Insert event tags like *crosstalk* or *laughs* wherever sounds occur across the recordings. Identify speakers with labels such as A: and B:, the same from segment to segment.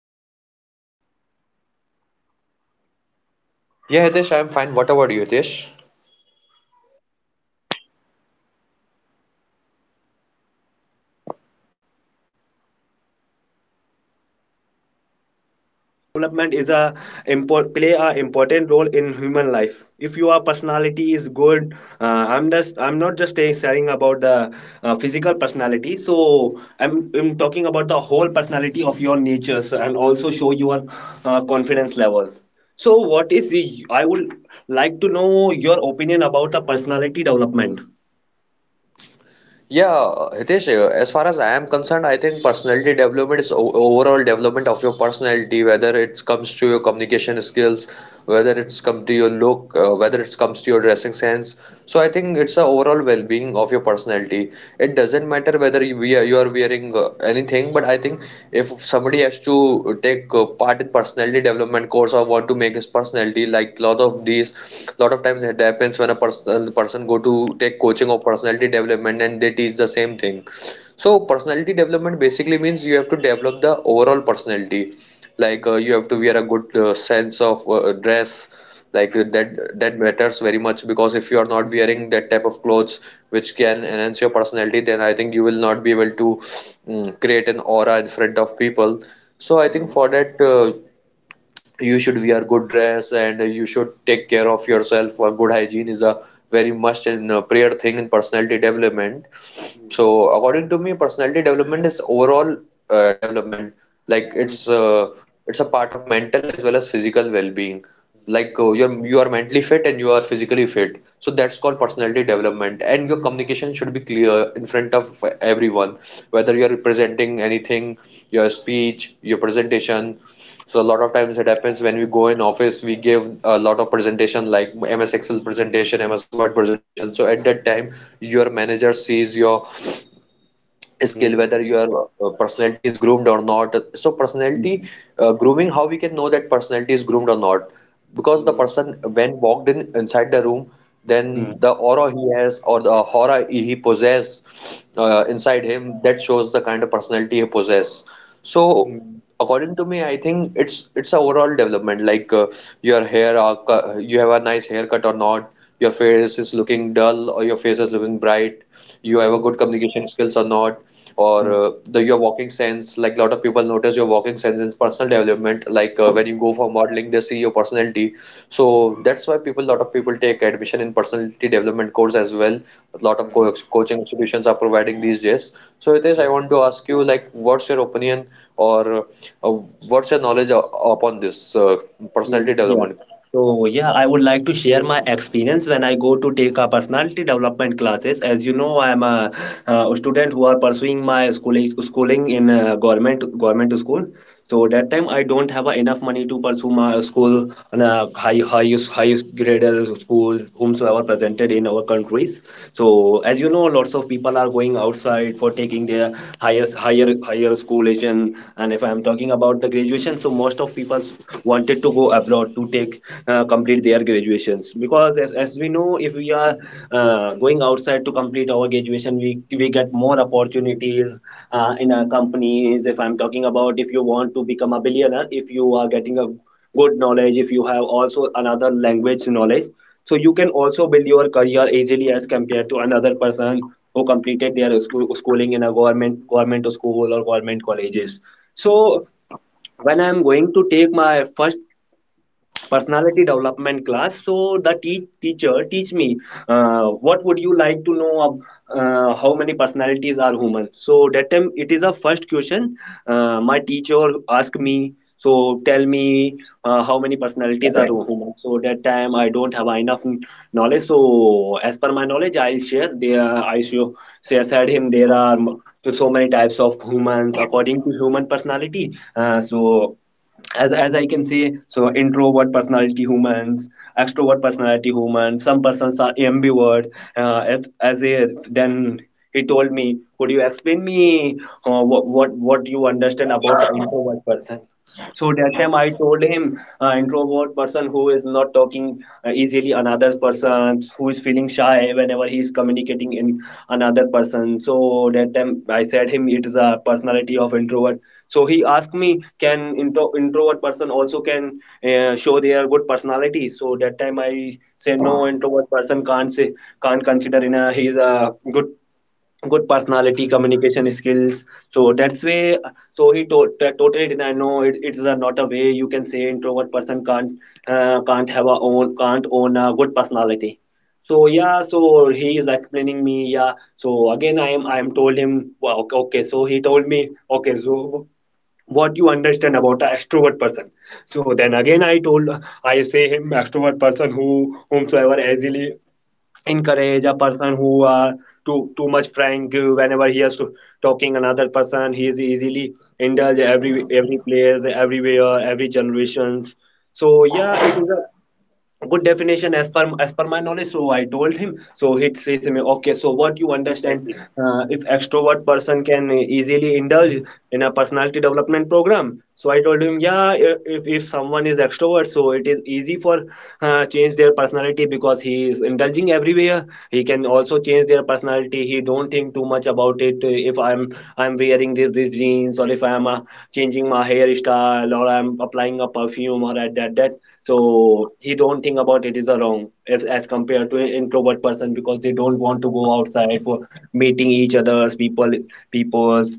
A: Our today's guest is Sameer. How are you, Sameer?
B: Yeah, Hitesh, I am fine. What about you, Hitesh?
A: I'm doing well. Thank you for asking me, and thank you for joining me in this podcast. Today we are going to discuss about a personality development. So, as we know, personality development is a play a important role in human life. If your personality is good, I'm not just sharing about the physical personality. So, I'm talking about the whole personality of your nature, so, and also show your confidence level. So, I would like to know your opinion about the personality development.
B: Yeah, Hitesh, as far as I am concerned, I think personality development is overall development of your personality, whether it comes to your communication skills, whether it's come to your look, whether it comes to your dressing sense. So I think it's a overall well-being of your personality. It doesn't matter whether you are wearing anything, but I think if somebody has to take part in personality development course or want to make his personality, like lot of these a lot of times it happens when a person go to take coaching or personality development and they teach the same thing, so personality development basically means you have to develop the overall personality. Like you have to wear a good sense of dress, like that matters very much, because if you are not wearing that type of clothes which can enhance your personality, then I think you will not be able to create an aura in front of people. So I think for that, you should wear good dress and you should take care of yourself. Good hygiene is a very much in prayer thing in personality development. So according to me, personality development is overall development. Like it's uh, it's a part of mental as well as physical well-being. Like you are mentally fit and you are physically fit. So that's called personality development. And your communication should be clear in front of everyone, whether you are presenting anything, your speech, your presentation. So a lot of times it happens when we go in office, we give a lot of presentation like MS Excel presentation, MS Word presentation. So at that time, your manager sees your skill, whether your personality is groomed or not. So personality grooming, how we can know that personality is groomed or not? Because the person when walked in inside the room, then the aura he has or the aura he possesses inside him, that shows the kind of personality he possesses. So according to me, I think it's a overall development, like your hair are, you have a nice haircut or not, your face is looking dull or your face is looking bright, you have a good communication skills or not, or the your walking sense. Like a lot of people notice your walking sense in personal development. Like when you go for modeling, they see your personality. So that's why lot of people take admission in personality development course as well. A lot of co coaching institutions are providing these days. So Hitesh, I want to ask you, like, what's your opinion or uh, what's your knowledge upon this
A: Mm,
B: personality
A: yeah.
B: development?
A: So yeah, I would like to share my experience when I go to take a personality development classes. As you know, I am a student who are pursuing my schooling in government school. So that time I don't have enough money to pursue my school in a high grade schools whomsoever presented in our country categories. So as you know, lots of people are going outside for taking their higher schoolation, and if I am talking about the graduation, so most of people wanted to go abroad to take complete their graduations, because as we know, if we are going outside to complete our graduation, we get more opportunities in our companies. If I'm talking about, if you want to become a billionaire, if you are getting a good knowledge, if you have also another language knowledge, so you can also build your career easily as compared to another person who completed their schooling in a government school or government colleges. So when I'm going to take my first personality development class, so the teacher teach me, what would you like to know of, how many personalities are human. So that time, it is a first question. My teacher asked me, so tell me, how many personalities are human. So that time I don't have enough knowledge, so as per my knowledge, I share there, I show share said him there are so many types of humans according to human personality. So, as I can say, so introvert personality humans, extrovert personality humans, some persons are ambivert. Uh, if, as a then he told me, could you explain me, what you understand about an introvert person. So that time I told him, introvert person who is not talking, easily another person who is feeling shy whenever he is communicating in another person. So that time I said him, it is a personality of introvert. So he asked me, can introvert person also can, show their good personality. So that time I said, no, introvert person can't say, can't consider in a he's a good personality communication skills, so that's way. So he totally denied, no, it's a, not a way you can say introvert person can't, can't have a own, can't own a good personality. So yeah, so he is explaining me. Yeah, so again I am told him, wow, okay. So he told me, okay, so what you understand about an extrovert person. So then again I say him, extrovert person who whomsoever easily encourage a person who are too much frank, whenever he is talking another person, he is easily indulge every place, everywhere, every generations. So yeah, it is a good definition as per my knowledge, so I told him. So he says to me, okay, so what you understand, if extrovert person can easily indulge in a personality development program. So I told him, yeah, if someone is extrovert, so it is easy for, change their personality, because he is indulging everywhere, he can also change their personality. He don't think too much about it. If I'm wearing this jeans, or if I'm changing my hairstyle, or I'm applying a perfume, or at that. So he don't think about it is a wrong, if, as compared to an introvert person, because they don't want to go outside for meeting each other's peoples.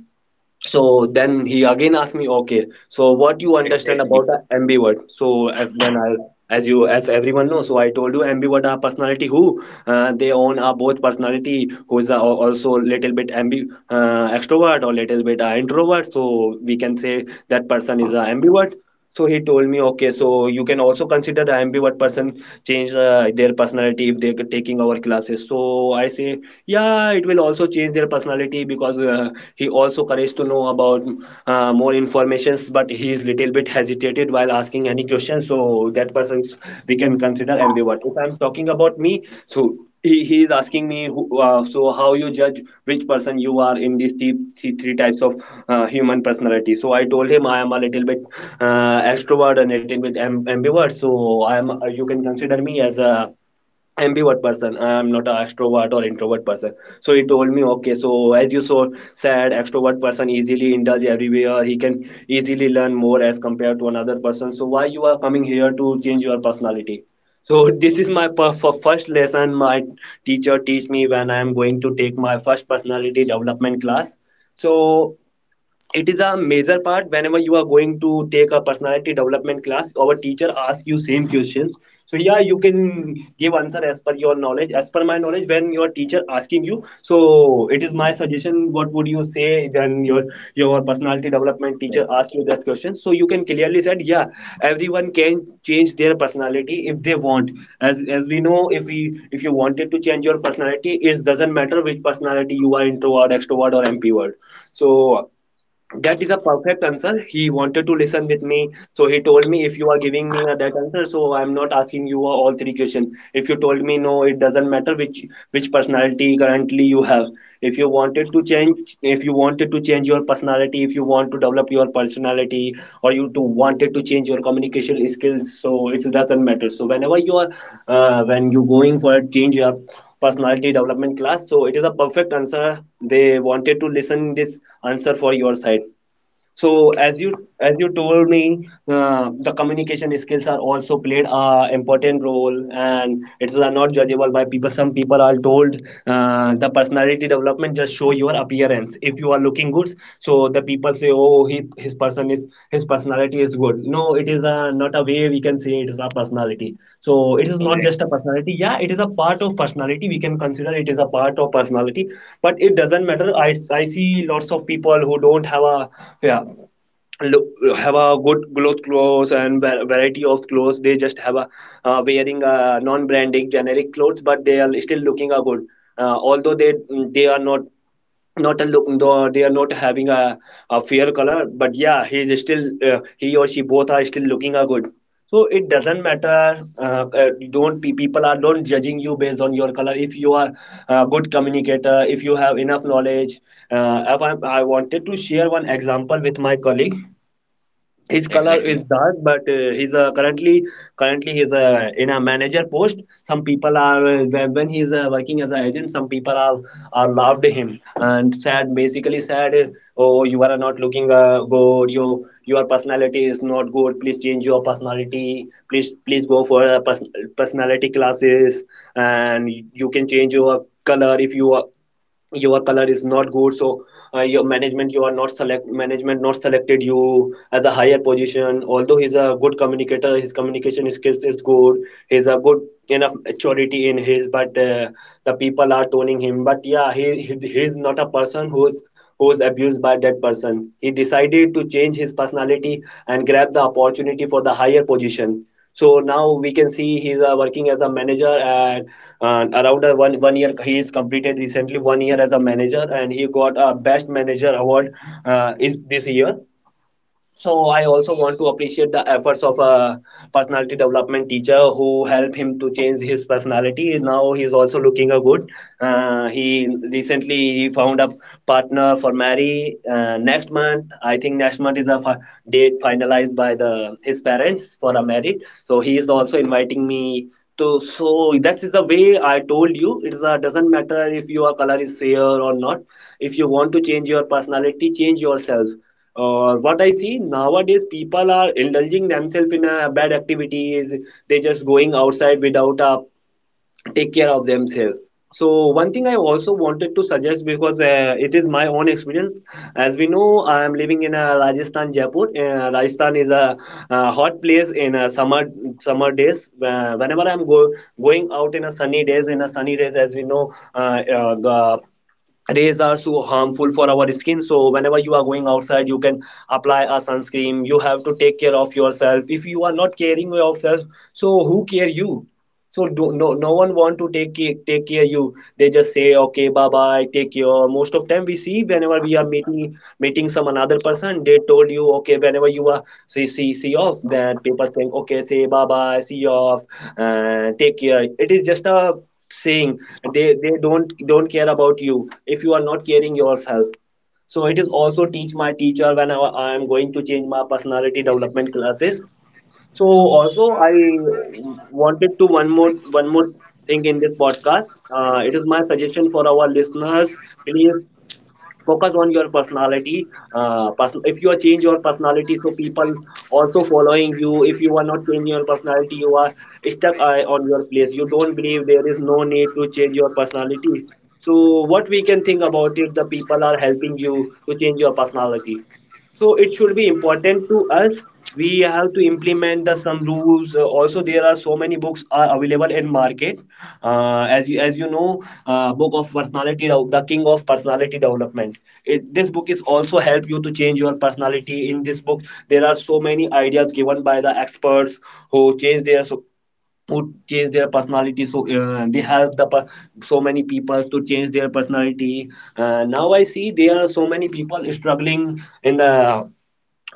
A: So then he again asked me, okay, so what you understand about a ambivert. So if then I, as you, as everyone knows, so I told you, ambivert are personality who, they own are both personality, who is a, also little bit ambi extrovert, or little bit introvert. So we can say that person is a ambivert. So he told me, okay, so you can also consider the ambivert person change, their personality if they're taking our classes. So I say, yeah, it will also change their personality, because he also courage to know about, more informations, but he is little bit hesitated while asking any questions, so that person we can consider ambivert. If I'm talking about me, so he is asking me, so how you judge which person you are in these three types of human personality. So I told him, I am a little bit extrovert, and a little bit ambivert. So I am, you can consider me as a ambivert person. I'm not an extrovert or introvert person. So he told me, okay, so as you so said, extrovert person easily indulge everywhere, he can easily learn more as compared to another person. So why you are coming here to change your personality? So *laughs* this is my first lesson my teacher teach me when I am going to take my first personality development class. So it is a major part whenever you are going to take a personality development class, our teacher asks you same questions. So yeah, you can give answer as per your knowledge. As per my knowledge, when your teacher asking you, so it is my suggestion what would you say when your personality development teacher asks you that question. So you can clearly said, yeah, everyone can change their personality if they want. As we know, if you wanted to change your personality, it doesn't matter which personality you are, introvert, extrovert, or mpword. So that is a perfect answer he wanted to listen with me. So he told me, if you are giving me that answer, so I'm not asking you, all three questions. If you told me, no, it doesn't matter which personality currently you have. If you wanted to change if you wanted to change your personality, if you want to develop your personality, or you to wanted to change your communication skills, so it doesn't matter. So when you going for a change your personality development class. So it is a perfect answer they wanted to listen, this answer, for your side. So as you told me, the communication skills are also played a important role, and it's not judgeable by people. Some people are told, the personality development just show your appearance. If you are looking good, so the people say, oh he his person is, his personality is good. No, it is a, not a way we can say it is a personality. So it is not just a personality. Yeah, it is a part of personality, we can consider it is a part of personality, but it doesn't matter. I see lots of people who don't have a, yeah, look, have a good clothes, and variety of clothes. They just have a, wearing a non-branding generic clothes, but they are still looking a good. Although they are not, not a look, though they are not having a fair color, but yeah, he is still, he or she both are still looking a good. So it doesn't matter. Don't people are don't judging you based on your color. If you are a good communicator, if you have enough knowledge, I wanted to share one example with my colleague. His color is dark, but he's currently he's in a manager post. Some people are, when he's working as an agent, some people are loved him and said basically said, oh, you are not looking good, you, your personality is not good, please change your personality, please go for personality classes. And you can change your color. If you are your color is not good, so your management you are not select management not selected you as a higher position. Although he's a good communicator, his communication skills is good, he's a good enough maturity in his, but the people are toning him. But yeah, he's not a person who's abused by that person. He decided to change his personality and grab the opportunity for the higher position. So now we can see he's working as a manager and around one one year, he is completed recently 1 year as a manager and he got a best manager award, is this year. So I also want to appreciate the efforts of a personality development teacher who helped him to change his personality. Now he's also looking a good, he recently found a partner for marry. Next month, I think next month is a date finalized by the his parents for a marriage, so he is also inviting me to. So that is the way I told you. It is a, doesn't matter if your color is fair or not. If you want to change your personality, change yourself. Or what I see nowadays, people are indulging themselves in bad activities. They just going outside without take care of themselves. So one thing I also wanted to suggest, because it is my own experience. As we know, I am living in Rajasthan, Jaipur. Rajasthan is a, hot place in summer, summer days. Whenever I'm going out in a sunny days, in a sunny days, as we know, the rays are so harmful for our skin. So whenever you are going outside, you can apply a sunscreen. You have to take care of yourself. If you are not caring yourself, so who care you? So no, no one want to take care you. They just say, okay, bye bye, take care. Most of time we see, whenever we are meeting some another person, they told you, okay, whenever you are see off. Then people think, okay, say bye bye, see you off. Take care. It is just a saying. They don't care about you if you are not caring yourself. So it is also teach my teacher when I am going to change my personality development classes. So also I wanted to one more thing in this podcast. It is my suggestion for our listeners. Please focus on your personality. If you are change your personality, so people also following you. If you are not changing your personality, you are stuck on your place. You don't believe there is no need to change your personality. So what we can think about it, the people are helping you to change your personality, so it should be important to us. We have to implement the some rules. Also there are so many books are available in market, as you know, book of personality the king of personality development. It, this book is also help you to change your personality. In this book, there are so many ideas given by the experts who change their so who change their personality. So they help so many people to change their personality. Uh, now I see there are so many people struggling in the,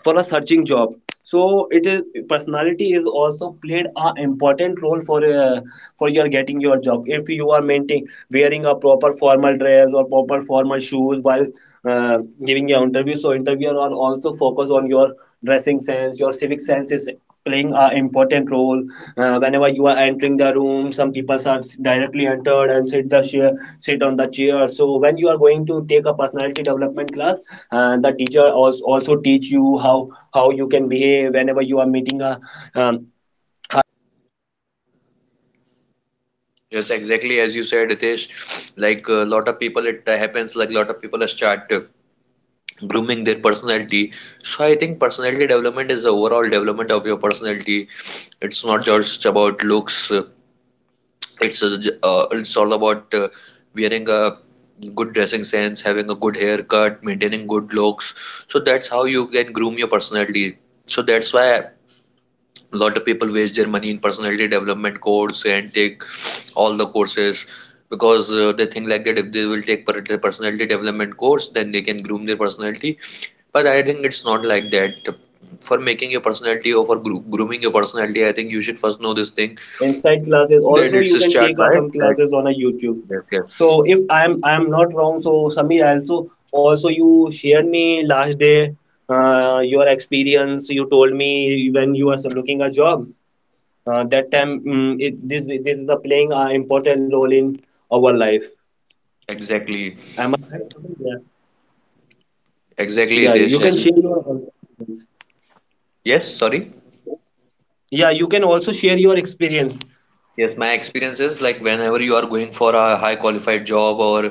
A: for a searching job. So it is, personality is also played a important role for your getting your job. If you are maintaining, wearing a proper formal dress or proper formal shoes while uh, giving your interview, so interviewer are also focus on your dressing sense. Your civic senses playing an important role. Uh, whenever you are entering the room, some people are directly entered and sit on the chair. So when you are going to take a personality development class, the teacher also teach you how you can behave whenever you are meeting a um, higher authority, how you, how you talk to him,
B: Yes,
A: how
B: exactly
A: you
B: as you
A: are.
B: said, Hitesh. Like a lot of people, it happens, like a lot of people start grooming their personality. So I think personality development is the overall development of your personality. It's not just about looks. It's all about wearing a good dressing sense, having a good haircut, maintaining good looks. So that's how you can groom your personality. So that's why a lot of people waste their money in personality development course and take all the courses, because they think like that if they will take the personality development course, then they can groom their personality, but I think it's not like that. For
A: Some
B: making your
A: people are
B: personality
A: going
B: or for
A: outside for
B: grooming
A: a,
B: your
A: taking a
B: personality, I
A: class.
B: think
A: Some
B: you should
A: people are
B: first know this
A: taking
B: thing,
A: inside classes.
B: that
A: Also,
B: it's
A: you
B: a
A: can
B: start
A: take
B: by
A: some
B: that.
A: classes on a YouTube.
B: Yes.
A: So if I'm not wrong, so Samir also you shared me last day your experience. You told me when you are looking a job. That time mm, it, this is a playing an important role in our life.
B: Exactly,
A: Am I right, Samir? Yeah.
B: exactly
A: Yeah,
B: Hitesh.
A: you can
B: As-
A: share your experience.
B: yes sorry
A: Yeah, you can also share your experience.
B: Yes, my experience is like whenever you are going for a high qualified job or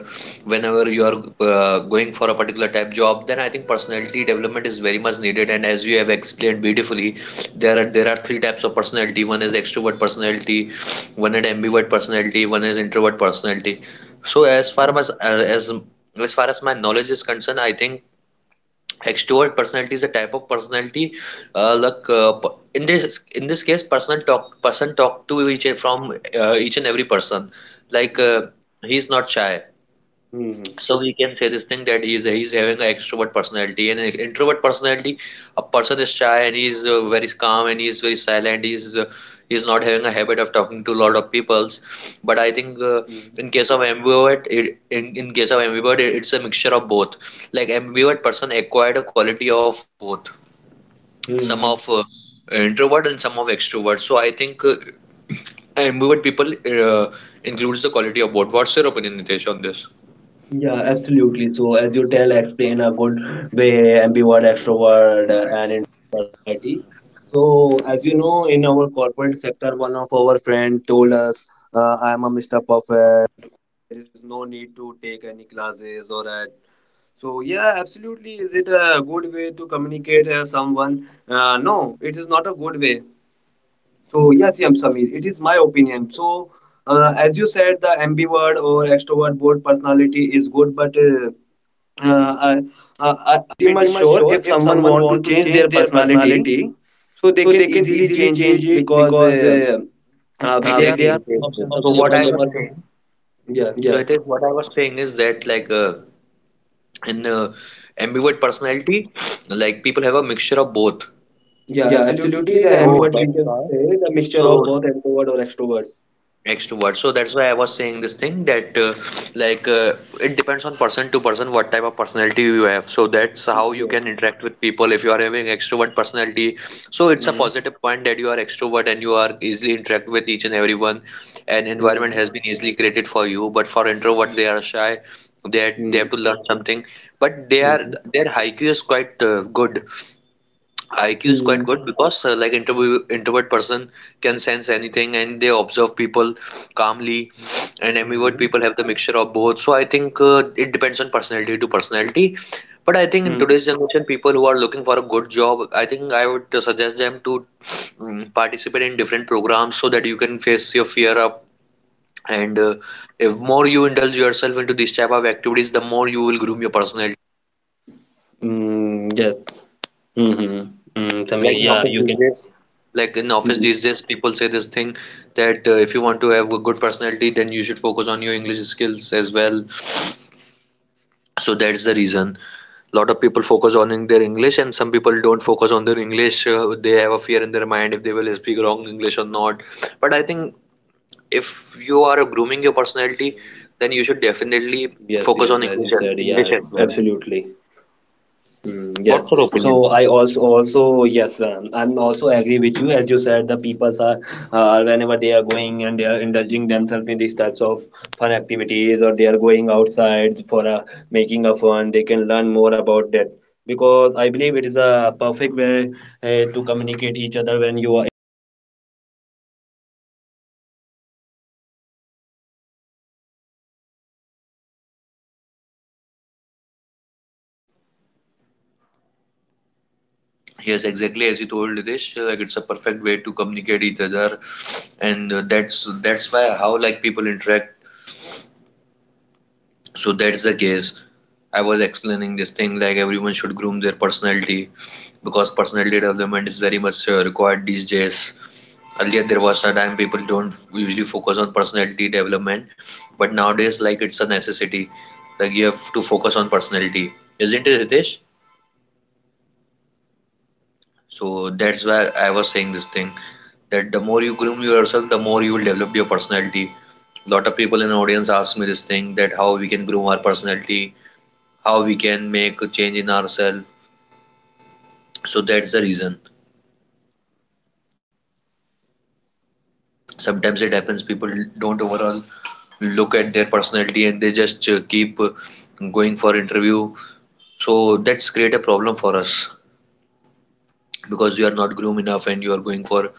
B: whenever you are going for a particular type job, then I think personality development is very much needed. And as you have explained beautifully, there are three types of personality. One is extrovert personality, one is ambivert personality, one is introvert personality. So as far as my knowledge is concerned, I think extrovert personality is a type of personality, like in this case, person talk to each and every person. Like
A: Mhm.
B: he is not shy.
A: Hmm.
B: So we can say this thing, that he's having an extrovert personality. And an introvert personality, a person is shy and he is very calm and he is very silent. He is not having a habit of talking to a lot of peoples. But I think in case of ambivert it, in case of ambivert, it's a mixture of both, like ambivert person.
A: Hmm. Yeah, absolutely. So as you tell, explain a good way, ambivert, extrovert, and introvert. uh, I, I am pretty much sure if someone want to change their personality, so they can easily change it, because there are
B: Exactly, Ritesh.
A: options
B: So what I was
A: available.
B: saying,
A: Yeah,
B: so it is what I was saying is that, like in ambivert personality, like people have a mixture of both.
A: yeah, absolutely. The
B: So
A: ambivert we
B: that's
A: can
B: why.
A: say the mixture of
B: So
A: both introvert or extrovert.
B: extrovert, so that's why I was saying this thing, that like uh, it depends on person to person what type of personality you have. So that's how you
A: Yeah.
B: can interact with people. If you are having extrovert personality, so it's a
A: Mm,
B: positive point that you are extrovert and you are easily interact with each and everyone, and environment
A: mm,
B: has been easily created for you. But for introvert, they are shy, they
A: mm,
B: have to learn something, but they are,
A: mm,
B: their IQ is quite good. IQ is quite
A: mm,
B: good, because like interview introvert person can sense anything and they observe people calmly. And ambivert
A: mm,
B: people have the mixture of both. So I think it depends on personality to personality. But I think in
A: mm,
B: today's generation, people who are looking for a good job, I think I would suggest them to participate in different programs, so that you can face your fear up. And if more you indulge yourself into these type of activities, the more you will groom your personality.
A: mm, yes. Mm-hmm. Mm, Samir,
B: Like in
A: yeah,
B: office
A: you
B: these
A: can.
B: days, like in office
A: Mm-hmm.
B: these days, people say this thing, that if you want to have a good personality, then you should focus on your English skills as well. So that's the reason. A lot of people focus on in their English, and some people don't focus on their English. They have a fear in their mind if they will speak wrong English or not. But I think if you are grooming your personality, then you should definitely
A: Yes,
B: focus on
A: yes, as you said,
B: English
A: yeah,
B: as well.
A: absolutely. Mm, yes.
B: What's your
A: So
B: opinion?
A: I also also yes, I'm also agree with you as you said the peoples are whenever they are going and they are indulging themselves in these types of fun activities, or they are going outside for a making a fun, they can learn more about that, because I believe it is a perfect way to communicate each other. When you are, if you are feeling you, you are introvert person, so you can go outside for make a fun and try to communicate new new person, if you are communicating, if you are indulging yourself in a, you know, new personalities.
B: Yes, exactly as you told Ritesh, like it's a perfect way to communicate each other,
A: Hmm.
B: and that's why how like people interact.
A: Hmm. Yeah,
B: So that's the
A: absolutely.
B: case. I was explaining this thing, like everyone should groom their personality,
A: Hmm.
B: because personality
A: Yeah.
B: development is very much required these days. Earlier there
A: Hmm.
B: was a time people don't usually focus on personality development, but nowadays like
A: Hmm.
B: it's a necessity, like you have to
A: Yeah.
B: focus on personality, isn't it, Hitesh?
A: Hmm. Yeah, absolutely. As you said, the people are nowadays
B: So
A: are focusing
B: that's
A: on
B: why
A: a
B: I was
A: personality
B: saying this thing,
A: development.
B: that the more
A: Mm.
B: you groom yourself, the more you will develop your personality. A
A: Mm,
B: lot of
A: yes, sir.
B: people in the audience ask me this thing, that how we can grow our personality, how we can make a change in ourselves.
A: Mm.
B: So that's the reason.
A: Yeah, yeah, absolutely. So I'll, I'm totally agree with you
B: Sometimes
A: as
B: it
A: you
B: happens
A: said.
B: people don't overall look at their personality and they just keep going for interview. So
A: Mm.
B: that's create a problem for us,
A: Mm, yeah, absolutely.
B: because
A: That's a
B: you are
A: great.
B: not groom enough and you are going for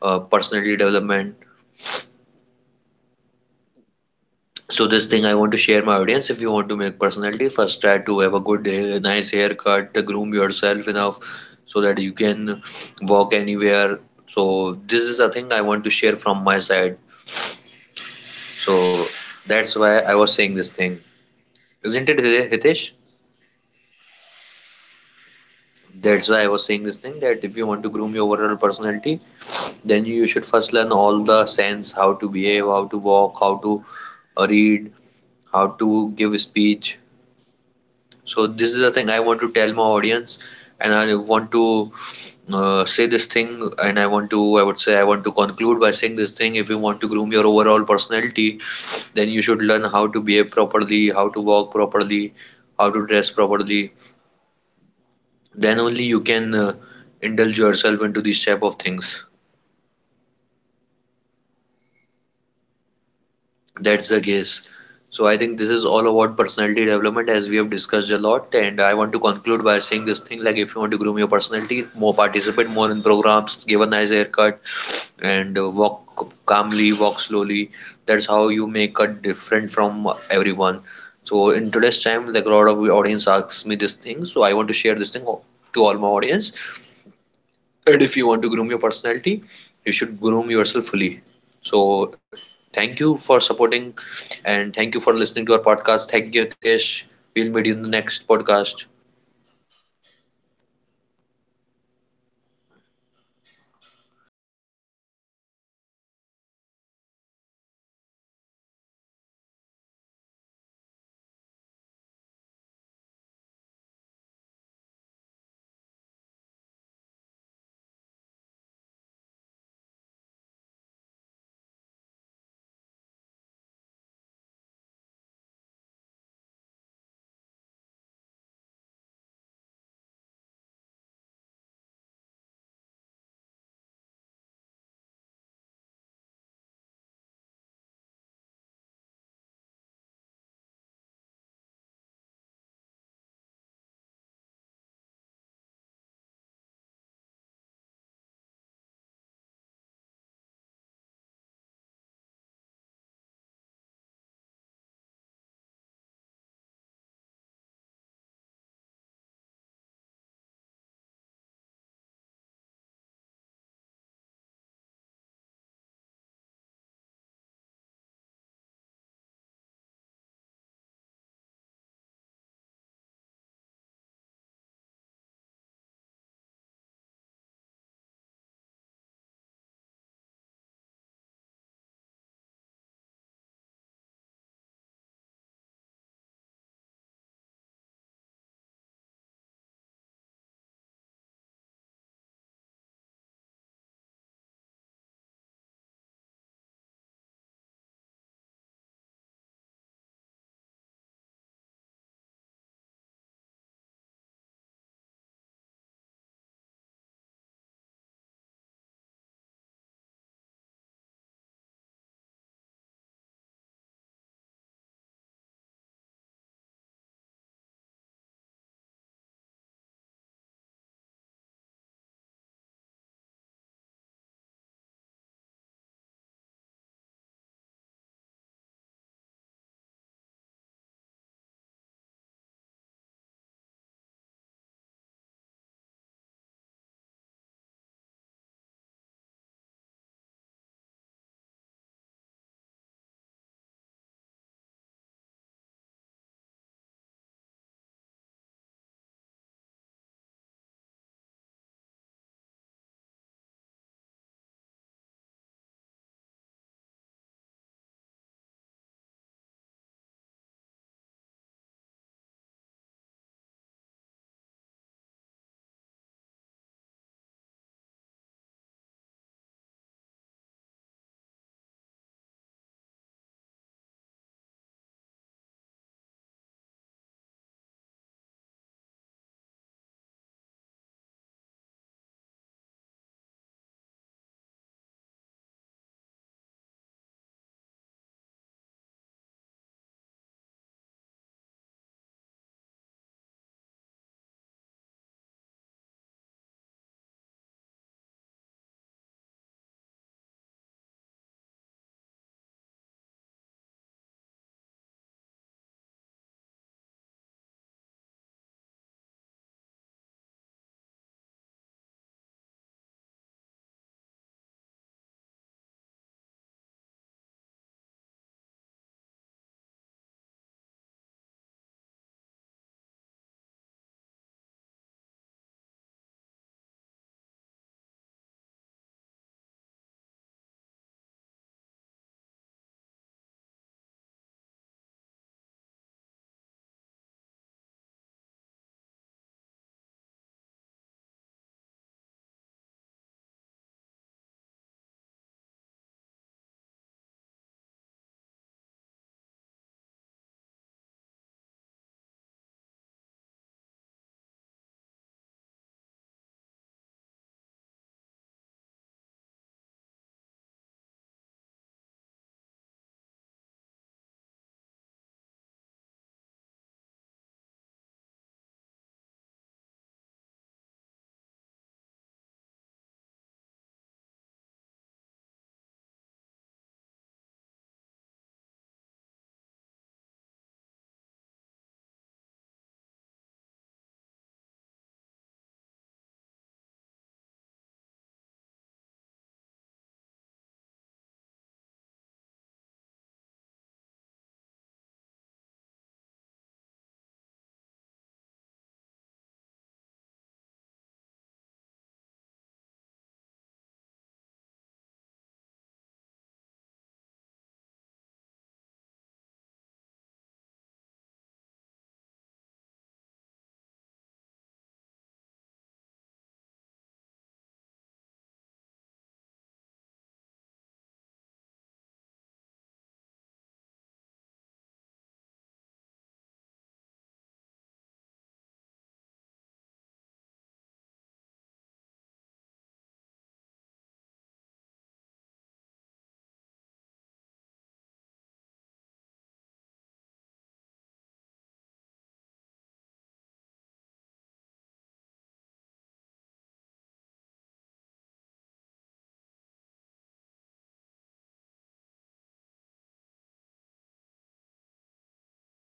B: personality development.
A: Mm. Yes, yes, yes. Absolutely. So,
B: So
A: as you
B: this thing
A: said.
B: I want
A: Uh,
B: to share my audience. If you want to make personality, first try to have a good hair, nice haircut, groom yourself enough, so that you can walk anywhere. So this is a thing I want to share from my side.
A: mm, yes,
B: So
A: absolutely. Yes,
B: that's
A: it's
B: why
A: fair
B: I
A: up.
B: was saying this thing,
A: Yeah,
B: isn't it,
A: absolutely.
B: Hitesh?
A: Yes, yes, absolutely. You are saying all right. The
B: That's why I was
A: people.
B: saying this thing, that if you want to groom your overall personality, then
A: Yeah,
B: you
A: yeah,
B: should
A: yeah.
B: first learn all the sense, how to behave, how to walk, how to read,
A: Mm,
B: how
A: mm,
B: to give a
A: yes,
B: speech.
A: absolutely.
B: So
A: Samir, am
B: this is
A: I
B: the thing I
A: am I
B: want to tell
A: audible
B: my
A: to you?
B: audience, and I want to say this thing, and I would say, I want to conclude by saying this thing. If you want to groom your overall personality, then you should
A: Mm,
B: learn how to behave properly, how to walk
A: yeah, mm, yeah,
B: properly,
A: yeah.
B: how to
A: Mm, yeah,
B: dress properly.
A: mm, yeah.
B: Then only you
A: Absolutely.
B: can indulge yourself into these type of things.
A: Mm-hmm. Absolutely. So
B: That's
A: as
B: the
A: you said,
B: case.
A: your
B: So I
A: yeah,
B: think
A: as
B: this
A: you
B: is all
A: said,
B: about
A: said your.
B: personality development, as we have discussed a lot. And I want to conclude by saying this thing, like if you want to groom your personality, more participate more in programs, give a nice haircut, and
A: Mm,
B: walk calmly, walk slowly. That's how you make a different from everyone. So in
A: mm,
B: today's time, like a lot of audience asks me this thing. So I want to share this thing to all my audience.
A: mm,
B: And if you want to groom your personality, you should groom yourself fully. So
A: mhm.
B: thank
A: Yeah.
B: you for supporting, and thank you for listening to our podcast. Thank you, Nitesh. We'll meet you in the next podcast.
A: Mm, definitely. Thank you for joining me podcast. Before ending this podcast, I also I would like to ask my audience. Uh, it is my question for my my listeners. Can you change your personality? Now you are decided to change your personality. Say it, yes, I'm changing my personality, I'll do it. There is nothing impossible for me, I can do anything. Uh, the personality development is a playing an important role for my career growth. If I'm playing an important role as for my country, if I wanted to play a successful role as a successful businessman, if I want to become a successful bigger businessman, so I also have to do, learn more about a personality development. So as we know everyone about talking about nowadays, the people are saying whenever you are going outside, the people are judging you as per your looks. So as the Sami share with us, you can wear up sunglasses, you can wear we, wearing a good clothes whenever you you going outside, although it's I'm not talking about. If you don't have enough money, you can take some loans or you can take some finance, and you can wear branded items. Also generics items are also looking good. You can nowadays what I see, there are so many finance facilities are also available. So you can also take advantage of the these types of facilities. Some people are donating their clothes. Uh, if you wanted to perform as a, as you are a model, if you want to become a model, so there are so many organizations they are providing your free of cost clothes for they also promoting you. They can also help you to grow your career in a modeling. If you want to become an actor or actress, you can go for the, these organizations always happily welcome to you, because they also wanted to build the career of a our youngsters. Because what I see nowadays, our youngsters are struggling. Whenever they are going outside, they where someone build their career in a Bollywood, or some people are want to build their career in Hollywood. So although they both both movie cinemas are easily known about us, because everyone know about the Bollywood. So it is a dream, our childhood dream. If I'm talking about me, so it is also my dream. When I was in my 10th class, I decided to build my career in Bollywood, but yeah, due to Some responsibility, uh, *laughs* I have to switch my career in a corporate sector. Uh, although the corporate sector also is good because it is, according to my interest, because I am interested to work in corporate sector. I wanted to build my career in corporate sector. It doesn't matter where you are working. Some people are think about that if you they are working in Bollywood, they then there is no need to work there, because they believe the actor's life is lavish, they have enough money, they can earn a lots of money while making the movies. They also the directors and producers are also giving them wonderful foods, varieties of foods they can easily eat it. Uh, as compared to us, we are working in corporate sector, we don't have these types of option. But I'm not agree with that person *laughs* who think about the actors are living a wonderful life. They are living a lavish life. But yeah, all they are living a lavish life because of their efforts. They also have to put their own effort. Sometimes I see they are living without eating a food two days. They have to go outside our country for making a movie. Sometimes they are struggling, they struggling while a sunny day, they have to make movie also in sunny days sometimes. Uh, and in a cold days they also have to do their work. So it is, as I also wanted to appreciate our film industries actors, but people are not not understanding about the behind the reason of their efforts. Just people are judging, they are earning a lot of money, they don't see the efforts hey he or she is putting while making the movies. So they also, as we know, our topic is personality development, so you can also see some movies how the people are changing their personality. There are so many movies, you can see. I also wanted to recommend that one movie, although it's a *laughs* all children's favorite movie. Uh, it's a you can see Krish movie, you can see Koi Mil movie, the Koi Mil movie. And this movie, uh, the main hero Hrithik Roshan, he played as a student role. When he was a student, he is not looking good, and now he is decided to change his personality because he is liking a girl. She is playing a actress role in this movie. Then he decided to change his personality within within a within a 2 or 3 days. He changed his completely personality. So yeah, it is a perfect example for us. If you wanted to change your personality, you can easily change, because as we know, whenever we are some people is I also want one perfect example. If some people are participating in a fancy dress company competition, so what we can see, that time he is looking a totally different. Because why? Because he decided to change his personality, because they wanted to perform look like a actor who is performing, in this role. So yeah, you can change your personality, according to your role. If you wanted to change, yeah, you can change. There is nothing impossible in this world. Uh, it is also my humbly request, some people are or wanted to change their personality, but they don't have a enough money to take a personality development classes. So there are so many YouTube channels available on the YouTube. You can easily visit there and you learn about, you can although you can learn about the basic things, what is the basic ethics. What is the basic form of personality development? First you have to know more about the personality development. I think we share a lot of about the personality development. So, thank you, our listener, for joining in this podcast. Have a nice day. Bye bye. Take care.